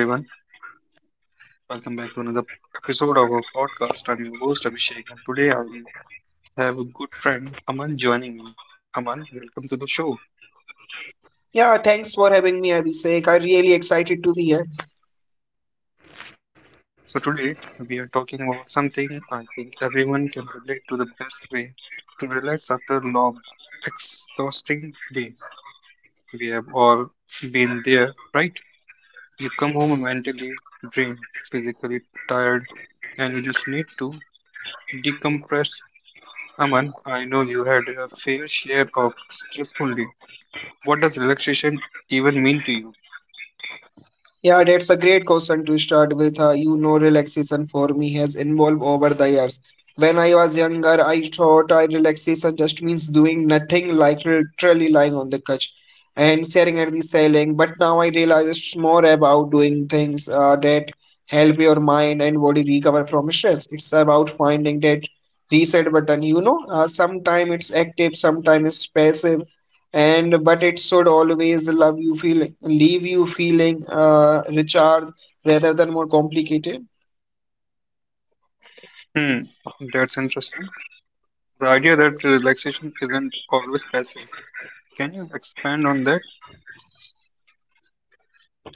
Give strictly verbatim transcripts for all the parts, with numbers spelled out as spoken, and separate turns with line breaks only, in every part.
Hey everyone, welcome back to another episode of our podcast. I'm your host Abhishek, and today I have a good friend Aman joining me. Aman, welcome to the show.
Yeah, thanks for having me, Abhishek. I'm really excited to be here.
So today we are talking about something I think everyone can relate to the best way to relax after a long, exhausting day. We have all been there, right? You come home mentally drained, physically tired, and you just need to decompress. Aman, I know you had a fair share of stressful days. What does relaxation even mean to you?
Yeah, that's a great question to start with. Uh, you know, relaxation for me has evolved over the years. When I was younger, I thought I relaxation just means doing nothing, like literally lying on the couch and staring at the ceiling. But now I realize it's more about doing things uh, that help your mind and body recover from stress. It's about finding that reset button. You know, uh, sometimes it's active, sometimes it's passive and but it should always love you feel leave you feeling uh, recharged rather than more complicated.
Hmm, that's interesting. The idea that relaxation isn't always passive. Can you expand on that?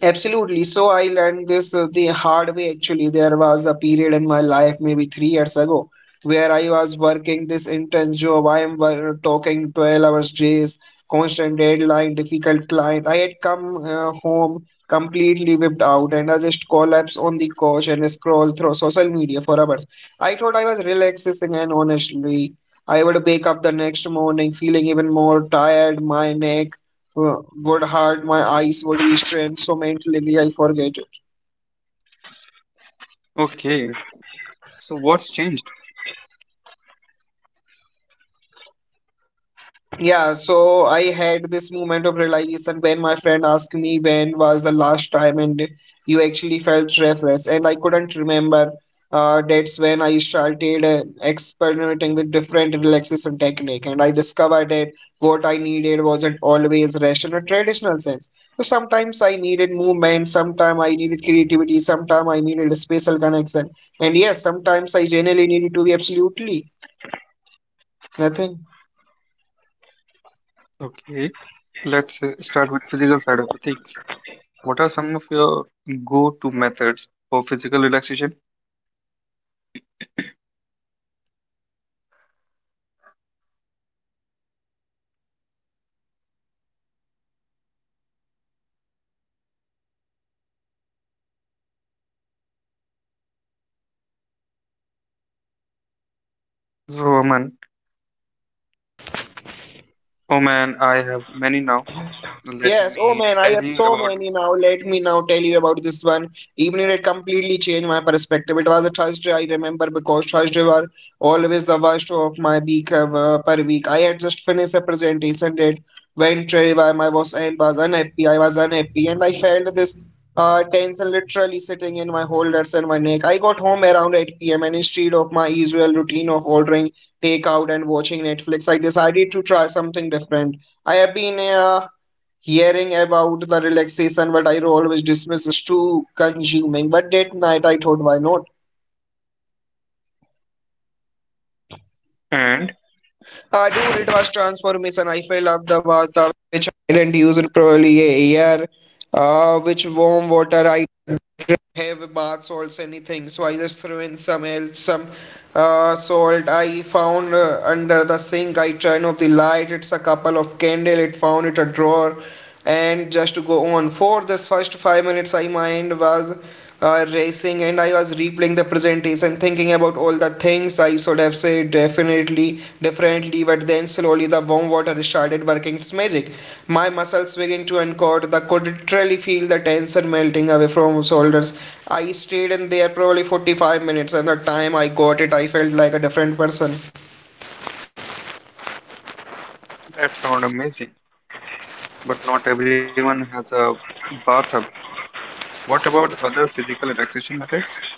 Absolutely. So I learned this uh, the hard way actually. There was a period in my life, maybe three years ago, where I was working this intense job. I am wor- talking twelve hours days, constant deadline, difficult client. I had come uh, home completely whipped out, and I just collapsed on the couch and scroll through social media for hours. I thought I was relaxing, and honestly, I would wake up the next morning feeling even more tired. My neck uh, would hurt, my eyes would restrain, so mentally I forget.
Okay, so what's changed?
Yeah, so I had this moment of realization when my friend asked me, when was the last time and you actually felt refreshed, and I couldn't remember. Uh, that's when I started uh, experimenting with different relaxation technique, and I discovered that what I needed wasn't always rest in a traditional sense. So sometimes I needed movement, sometimes I needed creativity, sometimes I needed a spatial connection, and yes, sometimes I generally needed to be absolutely nothing.
Okay, let's uh, start with physical side of the things. What are some of your go-to methods for physical relaxation? So, Aman, oh man, I have many now. Let me tell you about, and
Some help, some uh, salt. I found uh, under the sink. I turn off the light. It's a couple of candle. It found it a drawer, and just to go on. For this first five minutes, I mind was uh, racing, and I was replaying the presentation, thinking about all the things I should have said definitely differently. But then slowly the warm water started working its magic. My muscles begin to uncorde. I could literally feel the tension melting away from shoulders. I stayed in there probably forty-five minutes, and the time I got it, I felt like a different person.
that sound amazing. But not everyone has a bathtub. What about other physical relaxation methods?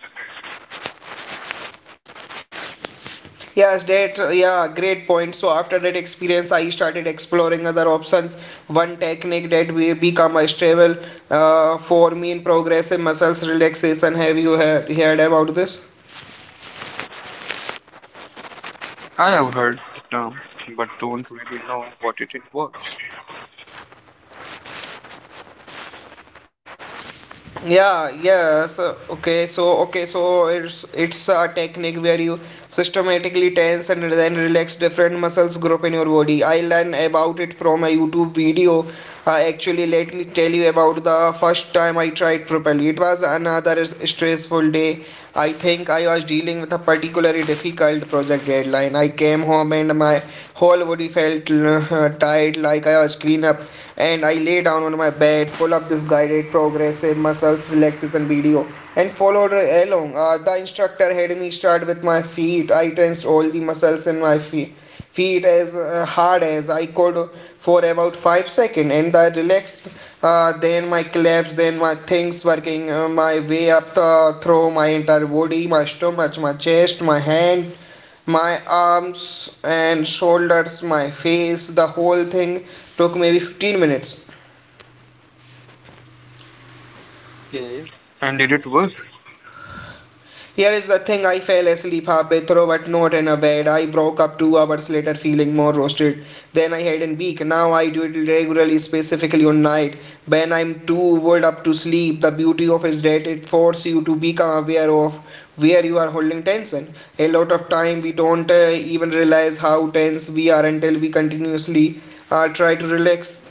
Yes, that, yeah, great point. So after that experience, I started exploring other options. One technique that we become a stable uh, for me in progressive muscles relaxation. Have you heard, heard about this?
I have heard the term, but don't really know what it involves.
Yeah, yes. Uh, Okay, so okay, so it's it's technique where you systematically tense and then relax different muscles group in your body. I learned about it from a YouTube video. Uh, actually, let me tell you about the first time I tried properly. It was another s- stressful day. I think I was dealing with a particularly difficult project deadline. I came home and my whole body felt uh, tired, like I was clean up, and I lay down on my bed, pull up this guided progressive muscles relaxation video, and followed along. Uh, the instructor had me start with my feet. I tensed all the muscles in my feet feet as uh, hard as I could for about five seconds, and I relaxed uh, then my collapse, then my things, working uh, my way up the, through my entire body, my stomach, my chest, my hand, my arms and shoulders, my face. The whole thing took maybe fifteen minutes.
Okay. And did it work?
Here is the thing, I fell asleep halfway through, but not in a bed. I broke up two hours later feeling more roasted than I had in week. Now I do it regularly, specifically on night when I'm too worried up to sleep. The beauty of is that it forces you to become aware of where you are holding tension. A lot of time we don't uh, even realize how tense we are until we continuously uh, try to relax.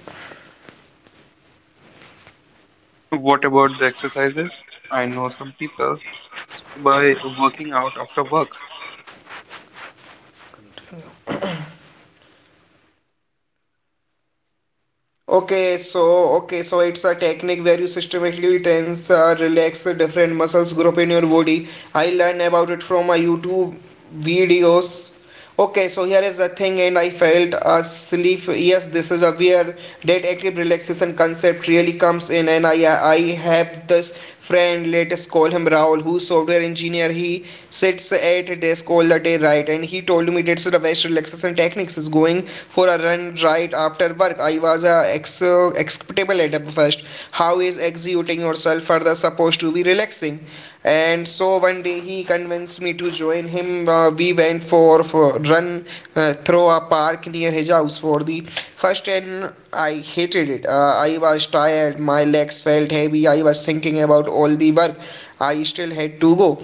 What about the exercises? I know some people by working out after work.
Okay, so okay, so it's a technique where you systematically tense, uh, relax the different muscles group in your body. I learned about it from my YouTube videos. Okay, so here is the thing, and I felt asleep. Yes, this is a where that active relaxation concept really comes in, and I I have this friend, let us call him Raul, who's software engineer. He sits at a desk all the day, right? And he told me that's the best relaxation techniques is going for a run right after work. I was a ex- uh, acceptable at first. How is exerting yourself further supposed to be relaxing? And so one day he convinced me to join him. Uh, we went for, for run uh, through a park near his house for the first, and I hated it. Uh, I was tired, my legs felt heavy, I was thinking about all the work I still had to go.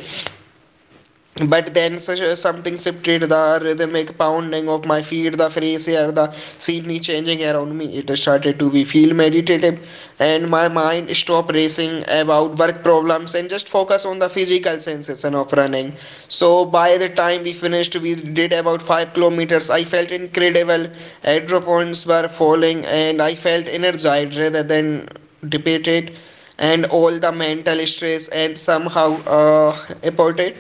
But then such something shifted, the rhythmic pounding of my feet, the fresh air, the scenery changing around me. It started to be feel meditative, and my mind stopped racing about work problems and just focus on the physical sensation of running. So by the time we finished, we did about five kilometers. I felt incredible. Hydrophones were falling, and I felt energized rather than depleted, and all the mental stress and somehow uh, aborted.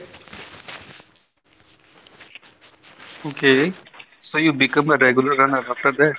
Okay, so you become a regular runner after that.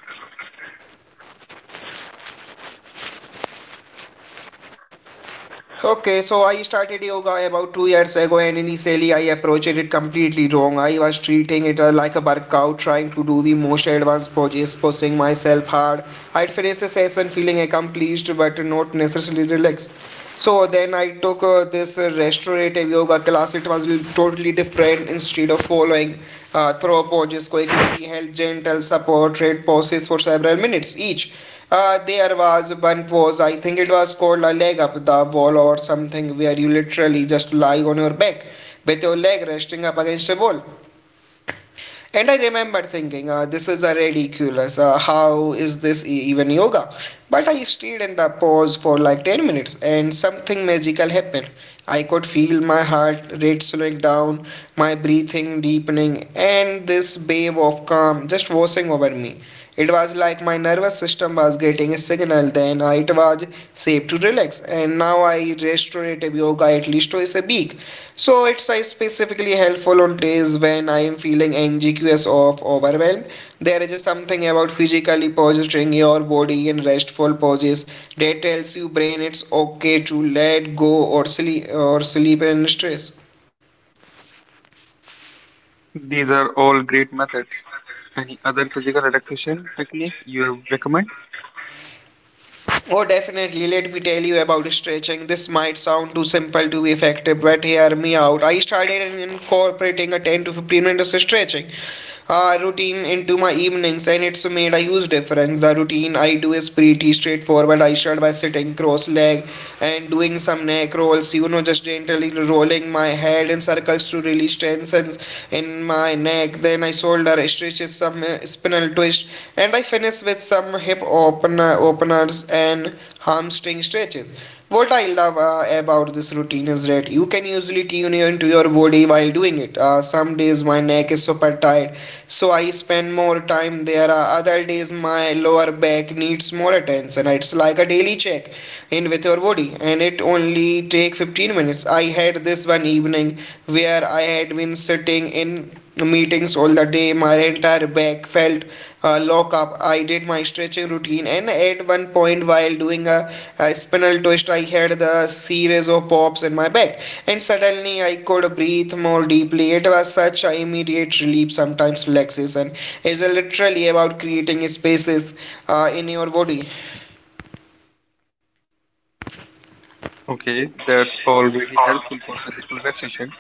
Okay, so I started yoga about two years ago, and initially I approached it completely wrong. I was treating it uh, like a workout, trying to do the most advanced poses, pushing myself hard. I'd finish the session feeling accomplished but not necessarily relaxed. So then I took uh, this uh, restorative yoga class. It was l- totally different. Instead of following uh, throw poses quickly, we held gentle supported poses for several minutes each. Uh, there was one pose, I think it was called a leg up the wall or something, where you literally just lie on your back with your leg resting up against a wall. And I remember thinking, uh, this is a ridiculous. Uh, how is this e- even yoga? But I stayed in the pose for like ten minutes, and something magical happened. I could feel my heart rate slowing down, my breathing deepening, and this wave of calm just washing over me. It was like my nervous system was getting a signal, then uh, it was safe to relax. And now I restorative yoga at least twice a week. So it's uh, specifically helpful on days when I am feeling anxious or overwhelmed. There is something about physically positioning your body in restful poses that tells your brain it's okay to let go or sleep or sleep in stress.
These are all great methods. Any other physical relaxation technique you recommend?
Oh, definitely. Let me tell you about stretching. This might sound too simple to be effective, but hear me out. I started in- incorporating a ten to fifteen minutes of stretching uh, routine into my evenings, and it's made a huge difference. The routine I do is pretty straightforward. I start by sitting cross-legged and doing some neck rolls, you know, just gently rolling my head in circles to release tensions in my neck. Then I shoulder stretches, some uh, spinal twist, and I finish with some hip opener openers and hamstring stretches. What I love uh, about this routine is that you can easily tune into your body while doing it. Uh, some days my neck is super tight, so I spend more time there. Are other days my lower back needs more attention. It's like a daily check in with your body, and it only take fifteen minutes. I had this one evening where I had been sitting in meetings all the day. My entire back felt uh, lock up. I did my stretching routine, and at one point, while doing a, a spinal twist, I had the series of pops in my back, and suddenly I could breathe more deeply. It was such an immediate relief. Sometimes relaxation is literally about creating spaces uh, in your body.
Okay, that's all really helpful for physical relaxation.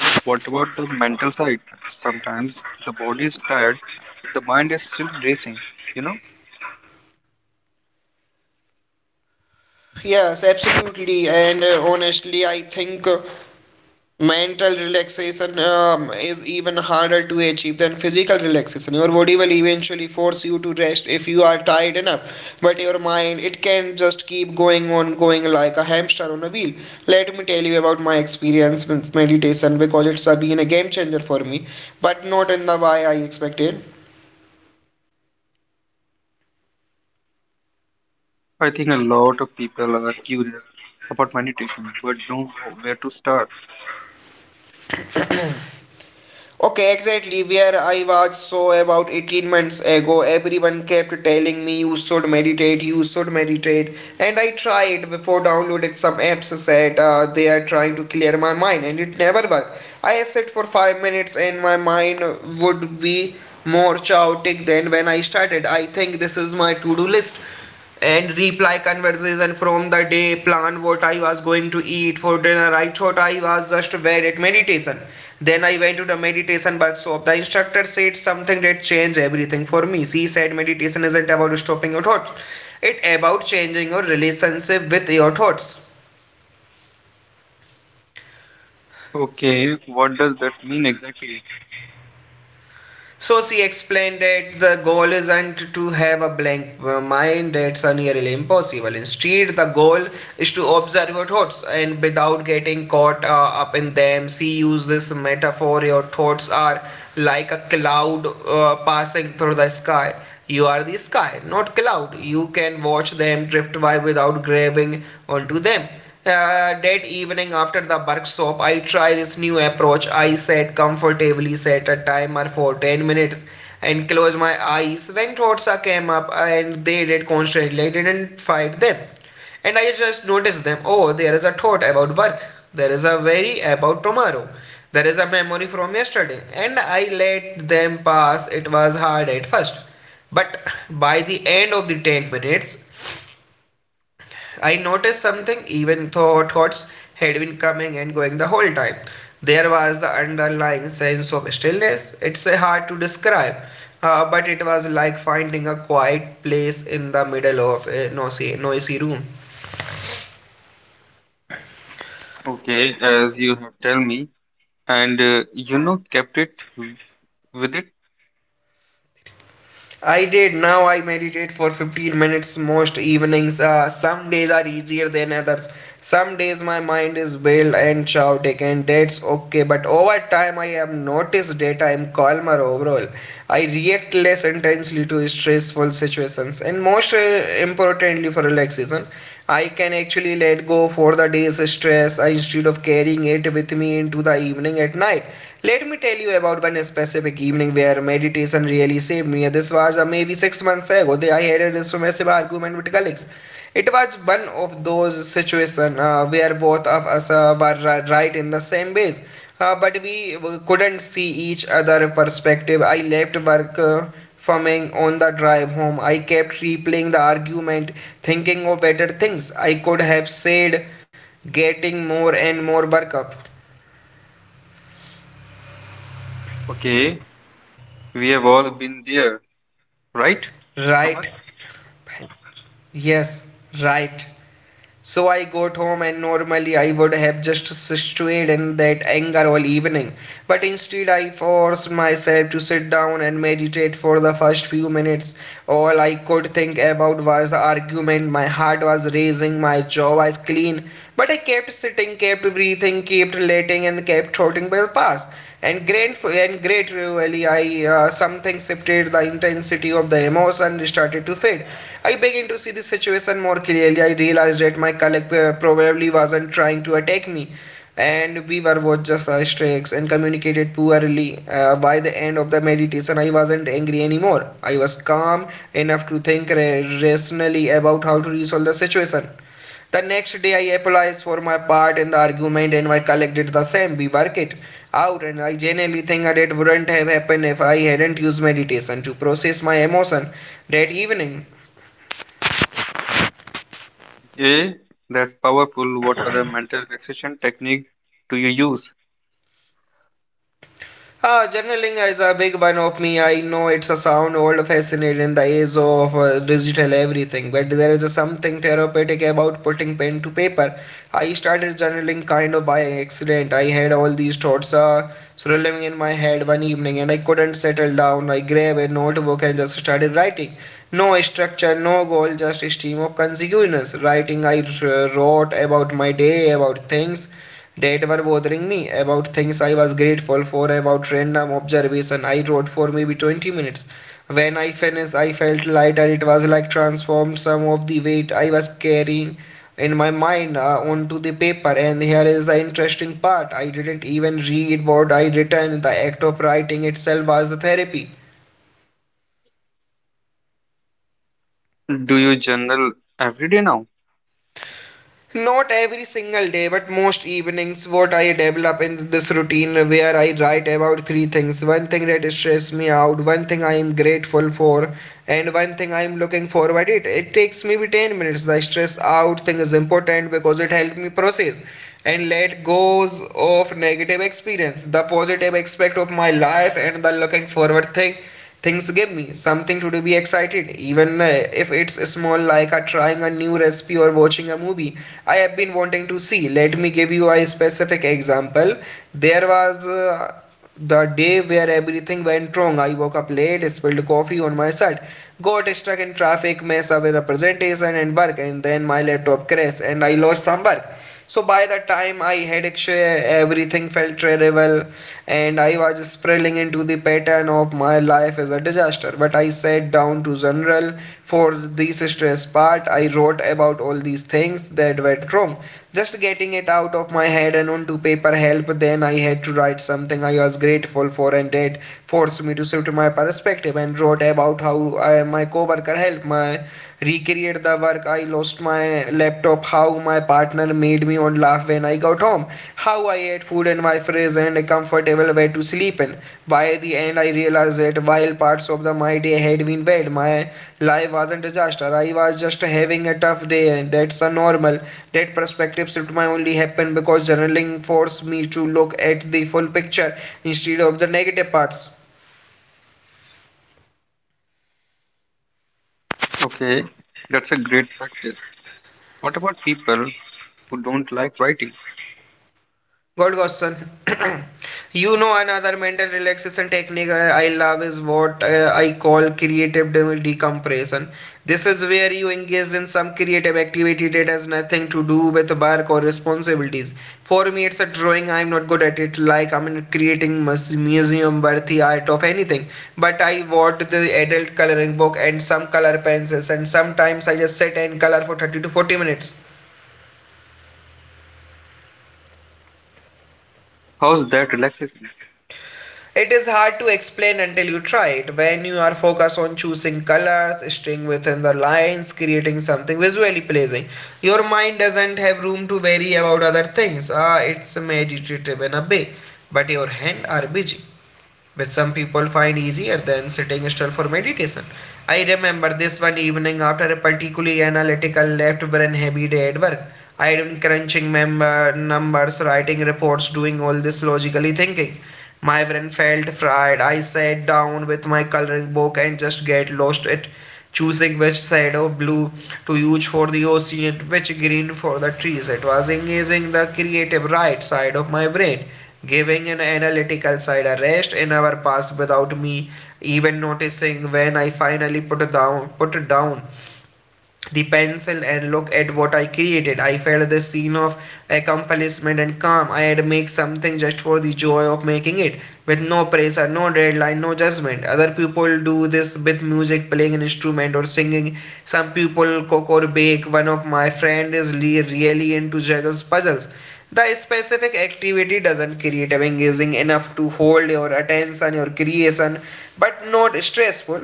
But what about the mental side? Sometimes the body is tired, but the mind is still racing. You know,
Yes, absolutely, and uh, honestly, I think. Uh, Mental relaxation um, is even harder to achieve than physical relaxation. Your body will eventually force you to rest if you are tired enough, but your mind, it can just keep going on going like a hamster on a wheel. Let me tell you about my experience with meditation, because it's a been a game changer for me, but not in the way I expected.
I think a lot of people are curious about meditation but don't know where to start.
Okay, exactly where I was, so about eighteen months ago, everyone kept telling me you should meditate, you should meditate, and I tried before, downloaded some apps that uh, they are trying to clear my mind, and it never worked. I sat for five minutes and my mind would be more chaotic than when I started. I think this is my to do list and reply conversation from the day, plan what I was going to eat for dinner. I thought I was just bad at meditation. Then I went to the meditation workshop. The instructor said something that changed everything for me. She said meditation isn't about stopping your thoughts, it's about changing your relationship with your thoughts.
Okay, what does that mean exactly?
So she explained that the goal isn't to have a blank mind, that's nearly impossible. Instead, the goal is to observe your thoughts and without getting caught uh, up in them. She used this metaphor: your thoughts are like a cloud uh, passing through the sky. You are the sky, not cloud. You can watch them drift by without grabbing onto them. Uh, that evening after the workshop, I tried this new approach. I sat comfortably, set a timer for ten minutes, and closed my eyes. When thoughts uh, came up, and they did constantly, I didn't fight them. And I just noticed them. Oh, there is a thought about work. There is a worry about tomorrow. There is a memory from yesterday. And I let them pass. It was hard at first. But by the end of the ten minutes, I noticed something: even though thoughts had been coming and going the whole time, there was the underlying sense of stillness. It's uh, hard to describe, uh, but it was like finding a quiet place in the middle of a noisy, noisy room.
Okay, as you have tell me, and uh, you know, kept it w- with it.
I did. Now I meditate for fifteen minutes most evenings. Uh, some days are easier than others. Some days my mind is wild and chaotic, and that's okay. But over time, I have noticed that I am calmer overall. I react less intensely to stressful situations, and most uh, importantly, for relaxation, I can actually let go for the day's stress uh, instead of carrying it with me into the evening at night. Let me tell you about one specific evening where meditation really saved me. This was uh, maybe six months ago. I had a this argument with colleagues. It was one of those situations uh, where both of us uh, were uh, right in the same ways, uh, but we uh, couldn't see each other perspective. I left work. Uh, Fumming on the drive home, I kept replaying the argument, thinking of better things I could have said, getting more and more worked up.
Okay, we have all been there, right,
Right?
Aman?
Yes, right. So I got home, and normally I would have just stewed in that anger all evening. But instead I forced myself to sit down and meditate. For the first few minutes, all I could think about was the argument. My heart was racing, my jaw was clean. But I kept sitting, kept breathing, kept letting and kept trotting by the past. And grateful and gradually I uh, something shifted. The intensity of the emotion started to fade. I began to see the situation more clearly. I realized that my colleague uh, probably wasn't trying to attack me, and we were both just strikes and communicated poorly. Uh, by the end of the meditation, I wasn't angry anymore. I was calm enough to think rationally about how to resolve the situation. The next day, I apologized for my part in the argument, and my colleague did the same. We worked it out, and I genuinely think that it wouldn't have happened if I hadn't used meditation to process my emotion that evening.
Yeah, that's powerful. What other mental relaxation technique do you use?
Ah, journaling is a big one of me. I know it's a sound old fashioned in the age of uh, digital everything, but there is something therapeutic about putting pen to paper. I started journaling kind of by accident. I had all these thoughts uh, swirling in my head one evening and I couldn't settle down. I grabbed a notebook and just started writing. No structure, no goal, just a stream of consciousness. Writing, I uh, wrote about my day, about things that were bothering me, about things I was grateful for, about random observation. I wrote for maybe twenty minutes. When I finished, I felt lighter. It was like transformed some of the weight I was carrying in my mind uh, onto the paper. And here is the interesting part: I didn't even read what I written, the act of writing itself was the therapy.
Do you journal every day now?
Not every single day, but most evenings, what I develop in this routine where I write about three things: one thing that stresses me out, one thing I am grateful for, and one thing I am looking forward it. It takes maybe ten minutes. The stress out thing is important because it helps me process and let goes of negative experience, the positive aspect of my life, and the looking forward thing things give me something to be excited, even uh, if it's small, like uh, trying a new recipe or watching a movie I have been wanting to see. Let me give you a specific example. There was uh, the day where everything went wrong. I woke up late, spilled coffee on my shirt, got stuck in traffic, messed up with a presentation and work, and then my laptop crashed and I lost some work. So by the time I had actually everything felt terrible and I was spiraling into the pattern of my life as a disaster. But I sat down to journal. For this stress part, I wrote about all these things that went wrong. Just getting it out of my head and onto paper helped. Then I had to write something I was grateful for, and that forced me to shift my perspective, and wrote about how I, my coworker helped my recreate the work I lost my laptop, how my partner made me on laugh when I got home, how I ate food in my fridge and a comfortable bed to sleep in. By the end I realized that while parts of the my day had been bad, my life wasn't a disaster. I was just having a tough day and that's a normal. That perspective shift might only happen because journaling forced me to look at the full picture instead of the negative parts.
Okay, that's a great practice. What about people who don't like writing?
Good question. You know, another mental relaxation technique uh, I love is what uh, I call creative de- decompression. This is where you engage in some creative activity that has nothing to do with work or responsibilities. For me, it's a drawing. I'm not good at it. Like I'm in creating mus- museum-worthy art of anything. But I bought the adult coloring book and some color pencils, and sometimes I just sit and color for thirty to forty minutes.
How's that relaxation?
It is hard to explain until you try it. When you are focused on choosing colors, staying within the lines, creating something visually pleasing, your mind doesn't have room to worry about other things. Ah, it's meditative in a way, but your hands are busy, which some people find easier than sitting still for meditation. I remember this one evening after a particularly analytical left brain heavy day at work. I had been crunching member numbers, writing reports, doing all this logically thinking. My brain felt fried. I sat down with my coloring book and just get lost at choosing which side of blue to use for the ocean, which green for the trees. It was engaging the creative right side of my brain, giving an analytical side a rest in our past without me even noticing. When I finally put down put it down the pencil and look at what I created, I felt the scene of accomplishment and calm. I had made something just for the joy of making it, with no pressure, no deadline, no judgment. Other people do this with music, playing an instrument or singing. Some people cook or bake. One of my friends is le- really into juggles puzzles. The specific activity doesn't create engaging enough to hold your attention, your creation, but not stressful.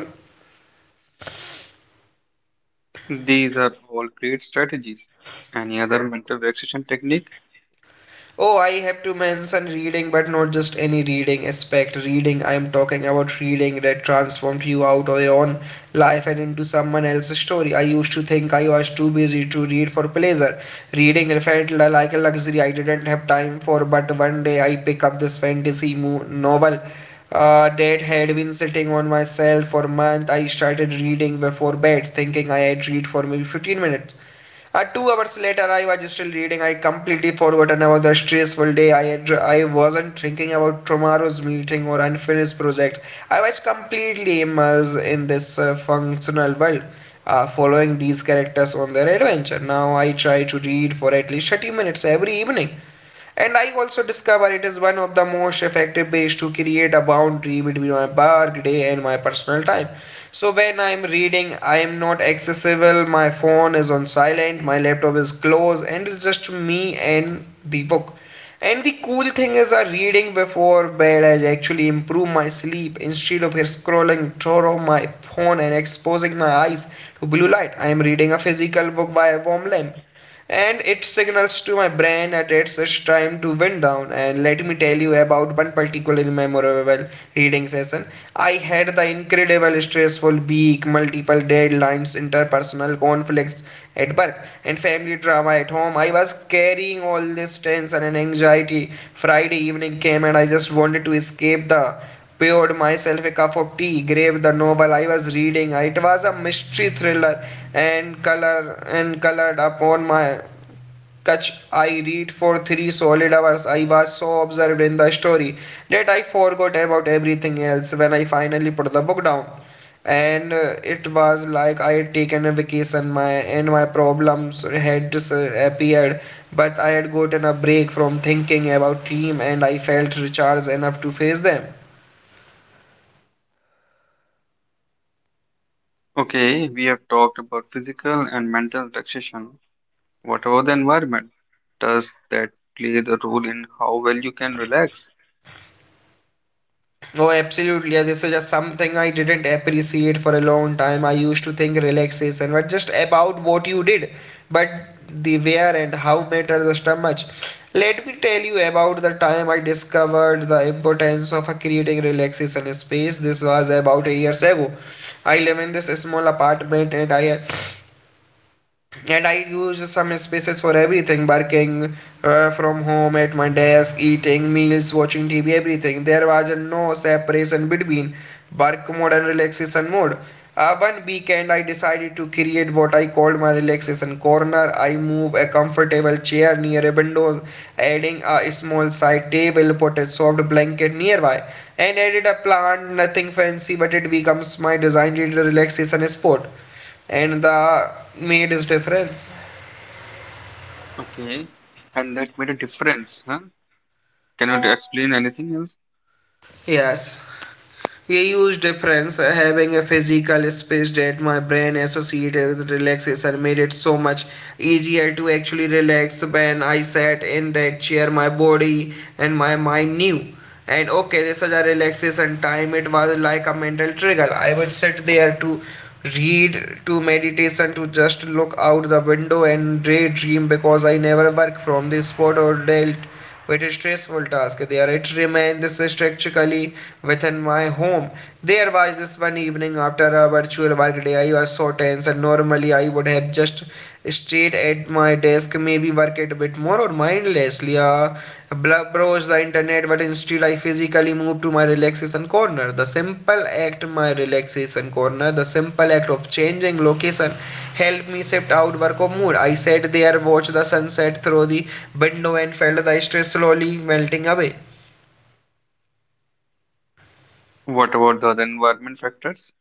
These are all great strategies. Any other mental relaxation technique?
Oh, I have to mention reading, but not just any reading aspect. Reading, I am talking about reading that transformed you out of your own life and into someone else's story. I used to think I was too busy to read for pleasure. Reading felt like a luxury I didn't have time for, but one day I picked up this fantasy mo- novel uh, that had been sitting on my shelf for months. I started reading before bed, thinking I had read for maybe fifteen minutes. Uh, two hours later, I was still reading. I completely forgotten about the stressful day. I had, I wasn't thinking about tomorrow's meeting or unfinished project. I was completely immersed in this uh, functional world, uh, following these characters on their adventure. Now I try to read for at least thirty minutes every evening, and I also discover it is one of the most effective ways to create a boundary between my work day and my personal time. So when I'm reading, I am not accessible, my phone is on silent, my laptop is closed, and it's just me and the book. And the cool thing is I reading before bed has actually improved my sleep. Instead of scrolling through my phone and exposing my eyes to blue light, I am reading a physical book by a warm lamp, and it signals to my brain that it's its time to wind down. And let me tell you about one particular memorable reading session. I had the incredible stressful week, multiple deadlines, interpersonal conflicts at work, and family drama at home. I was carrying all this tension and anxiety. Friday evening came, and I just wanted to escape the poured myself a cup of tea, gave the novel I was reading, it was a mystery thriller and color and colored upon my couch. I read for three solid hours. I was so absorbed in the story that I forgot about everything else when I finally put the book down. And uh, it was like I had taken a vacation, my and my problems had disappeared. But I had gotten a break from thinking about him, and I felt recharged enough to face them.
Okay, we have talked about physical and mental relaxation. What about the environment? Does that play the role in how well you can relax?
Oh, absolutely. Yeah, this is just something I didn't appreciate for a long time. I used to think relaxation was just about what you did, but the where and how matters just a much. Let me tell you about the time I discovered the importance of creating relaxation space. This was about a years ago. I live in this small apartment, and I and I use some spaces for everything, working uh, from home at my desk, eating meals, watching T V, everything. There was no separation between work mode and relaxation mode. Uh, one weekend, I decided to create what I called my relaxation corner. I moved a comfortable chair near a window, adding a small side table, put a soft blanket nearby, and added a plant. Nothing fancy, but it becomes my designated relaxation spot and the made his difference.
Okay, and that made a difference, huh? Can you explain anything else?
Yes, a huge difference. uh, Having a physical space that my brain associated with relaxation made it so much easier to actually relax. When I sat in that chair, my body and my mind knew. And okay, this is a relaxation time. It was like a mental trigger. I would sit there to read, to meditation, to just look out the window and daydream, because I never worked from this spot or dealt with stressful tasks. There it remains structurally within my home. There was this one evening after a virtual work day, I was so tense, and normally I would have just stayed at my desk, maybe worked a bit more or mindlessly. Uh, bl- browse the internet, but instead I physically move to my relaxation corner. The simple act, my relaxation corner, the simple act of changing location helped me shift outward of mood. I sat there, watched the sunset through the window, and felt the stress slowly melting away.
What about the other environment factors?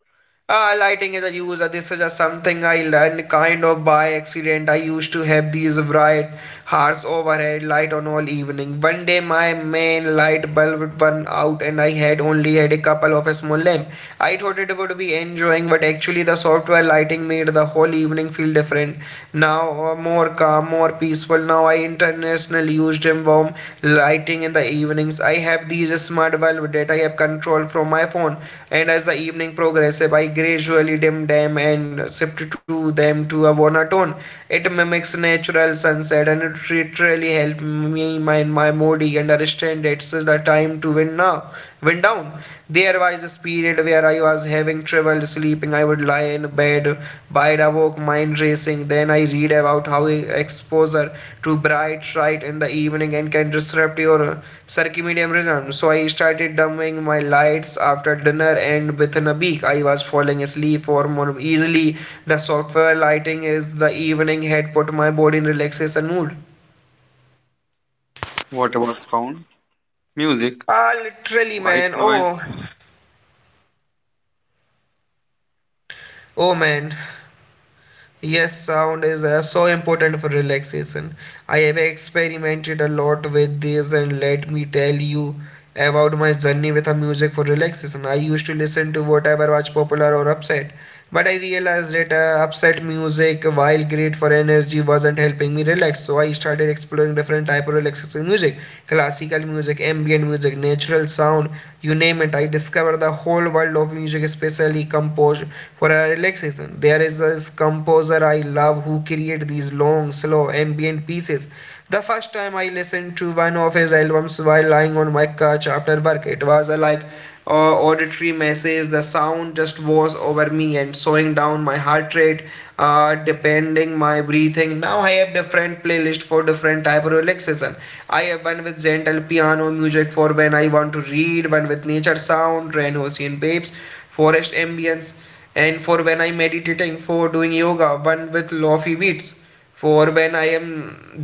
Ah, lighting is a use. uh, This is just something I learned kind of by accident. I used to have these bright, harsh overhead light on all evening. One day my main light bulb went out and I had only had a couple of a small lamp. I thought it would be enjoying, but actually the software lighting made the whole evening feel different. Now uh, more calm, more more peaceful now. I internationally used him warm lighting in the evenings. I have these smart bulb that I have control from my phone. And as the evening progresses, I gradually dim them and shift to them to a monotone. It mimics natural sunset, and it literally helped me mind my moody and understand it's the time to win now went down. There was this period where I was having trouble sleeping. I would lie in bed, wide awake, mind racing. Then I read about how e- exposure to bright light in the evening and can disrupt your circadian rhythm. So I started dimming my lights after dinner, and within a week I was falling asleep for more easily. The software lighting is the evening had put my body in relaxation mood.
What about sound, music,
Ah, literally,
white
man. Oh,
noise?
oh, man. Yes, sound is uh, so important for relaxation. I have experimented a lot with this, and let me tell you about my journey with a music for relaxation. I used to listen to whatever was popular or upset, but I realized that uh, upset music, while great for energy, wasn't helping me relax. So I started exploring different type of relaxation music: classical music, ambient music, natural sound, you name it. I discovered the whole world of music, especially composed for a relaxation. There is this composer I love who create these long, slow, ambient pieces. The first time I listened to one of his albums while lying on my couch after work, it was uh, like uh, auditory message, the sound just was over me and slowing down my heart rate, uh, depending my breathing. Now I have different playlist for different type of relaxation. I have one with gentle piano music for when I want to read, one with nature sound, rain, ocean babes, forest ambience, and for when I meditating for doing yoga, one with lofi beats for when I am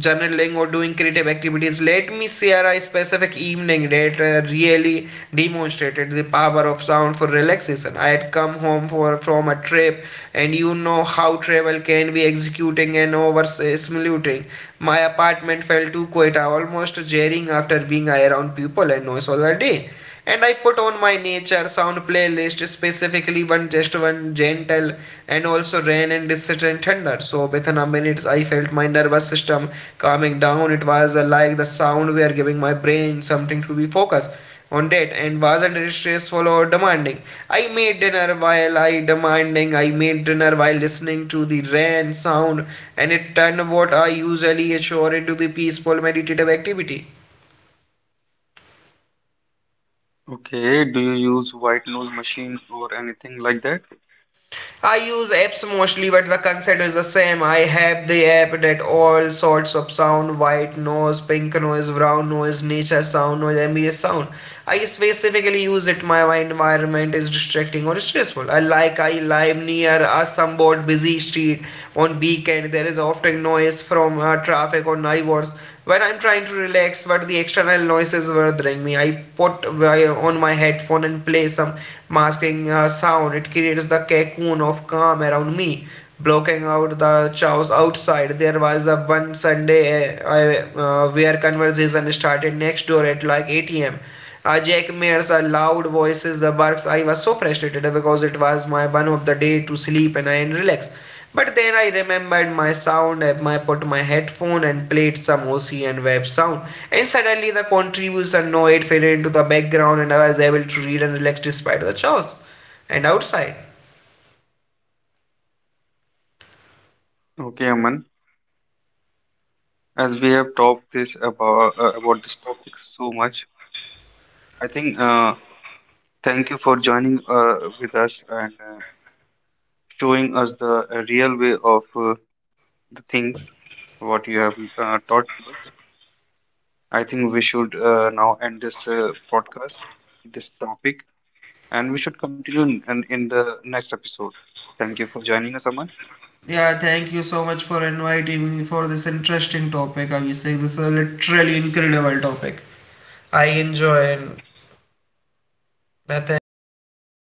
journaling or doing creative activities. Let me share a specific evening that uh, really demonstrated the power of sound for relaxation. I had come home for, from a trip, and you know how travel can be executing and overstimulating. My apartment felt too quiet, almost jarring after being around people and noise all the day. And I put on my nature sound playlist, specifically one, just one gentle and also rain and distant thunder. So within a minute I felt my nervous system calming down. It was uh, like the sound were giving my brain something to be focused on that and wasn't stressful or demanding. I made dinner while I demanding. I made dinner while listening to the rain sound, and it turned what I usually assure into the peaceful meditative activity.
Okay, do you use white noise machine or anything like that?
I use apps mostly, but the concept is the same. I have the app that all sorts of sound: white noise, pink noise, brown noise, nature sound, noise, ambient sound. I specifically use it my environment is distracting or stressful. I like I live near a somewhat busy street on weekend. There is often noise from uh, traffic or neighbors when I'm trying to relax, but the external noises bothering me, I put uh, on my headphone and play some masking uh, sound. It creates the cocoon of calm around me, blocking out the chaos outside. There was the one Sunday, uh, I, uh, where conversation started next door at like eight a m, uh, Jack Mayer's uh, loud voices, the barks. I was so frustrated because it was my one of the day to sleep and I relax. But then I remembered my sound app. I put my headphone and played some O C N web sound. And suddenly the contribution noise faded into the background, and I was able to read and relax despite the chores and outside.
Okay, Aman, as we have talked this about uh, about this topic so much, I think uh, thank you for joining uh, with us and uh, showing us the uh, real way of uh, the things what you have uh, taught to us. I think we should uh, now end this uh, podcast, this topic, and we should continue in, in in the next episode. Thank you for joining us, Aman.
Yeah, thank you so much for inviting me for this interesting topic, Abhishek. This is a literally incredible topic. I enjoy, and yeah, thank you so much.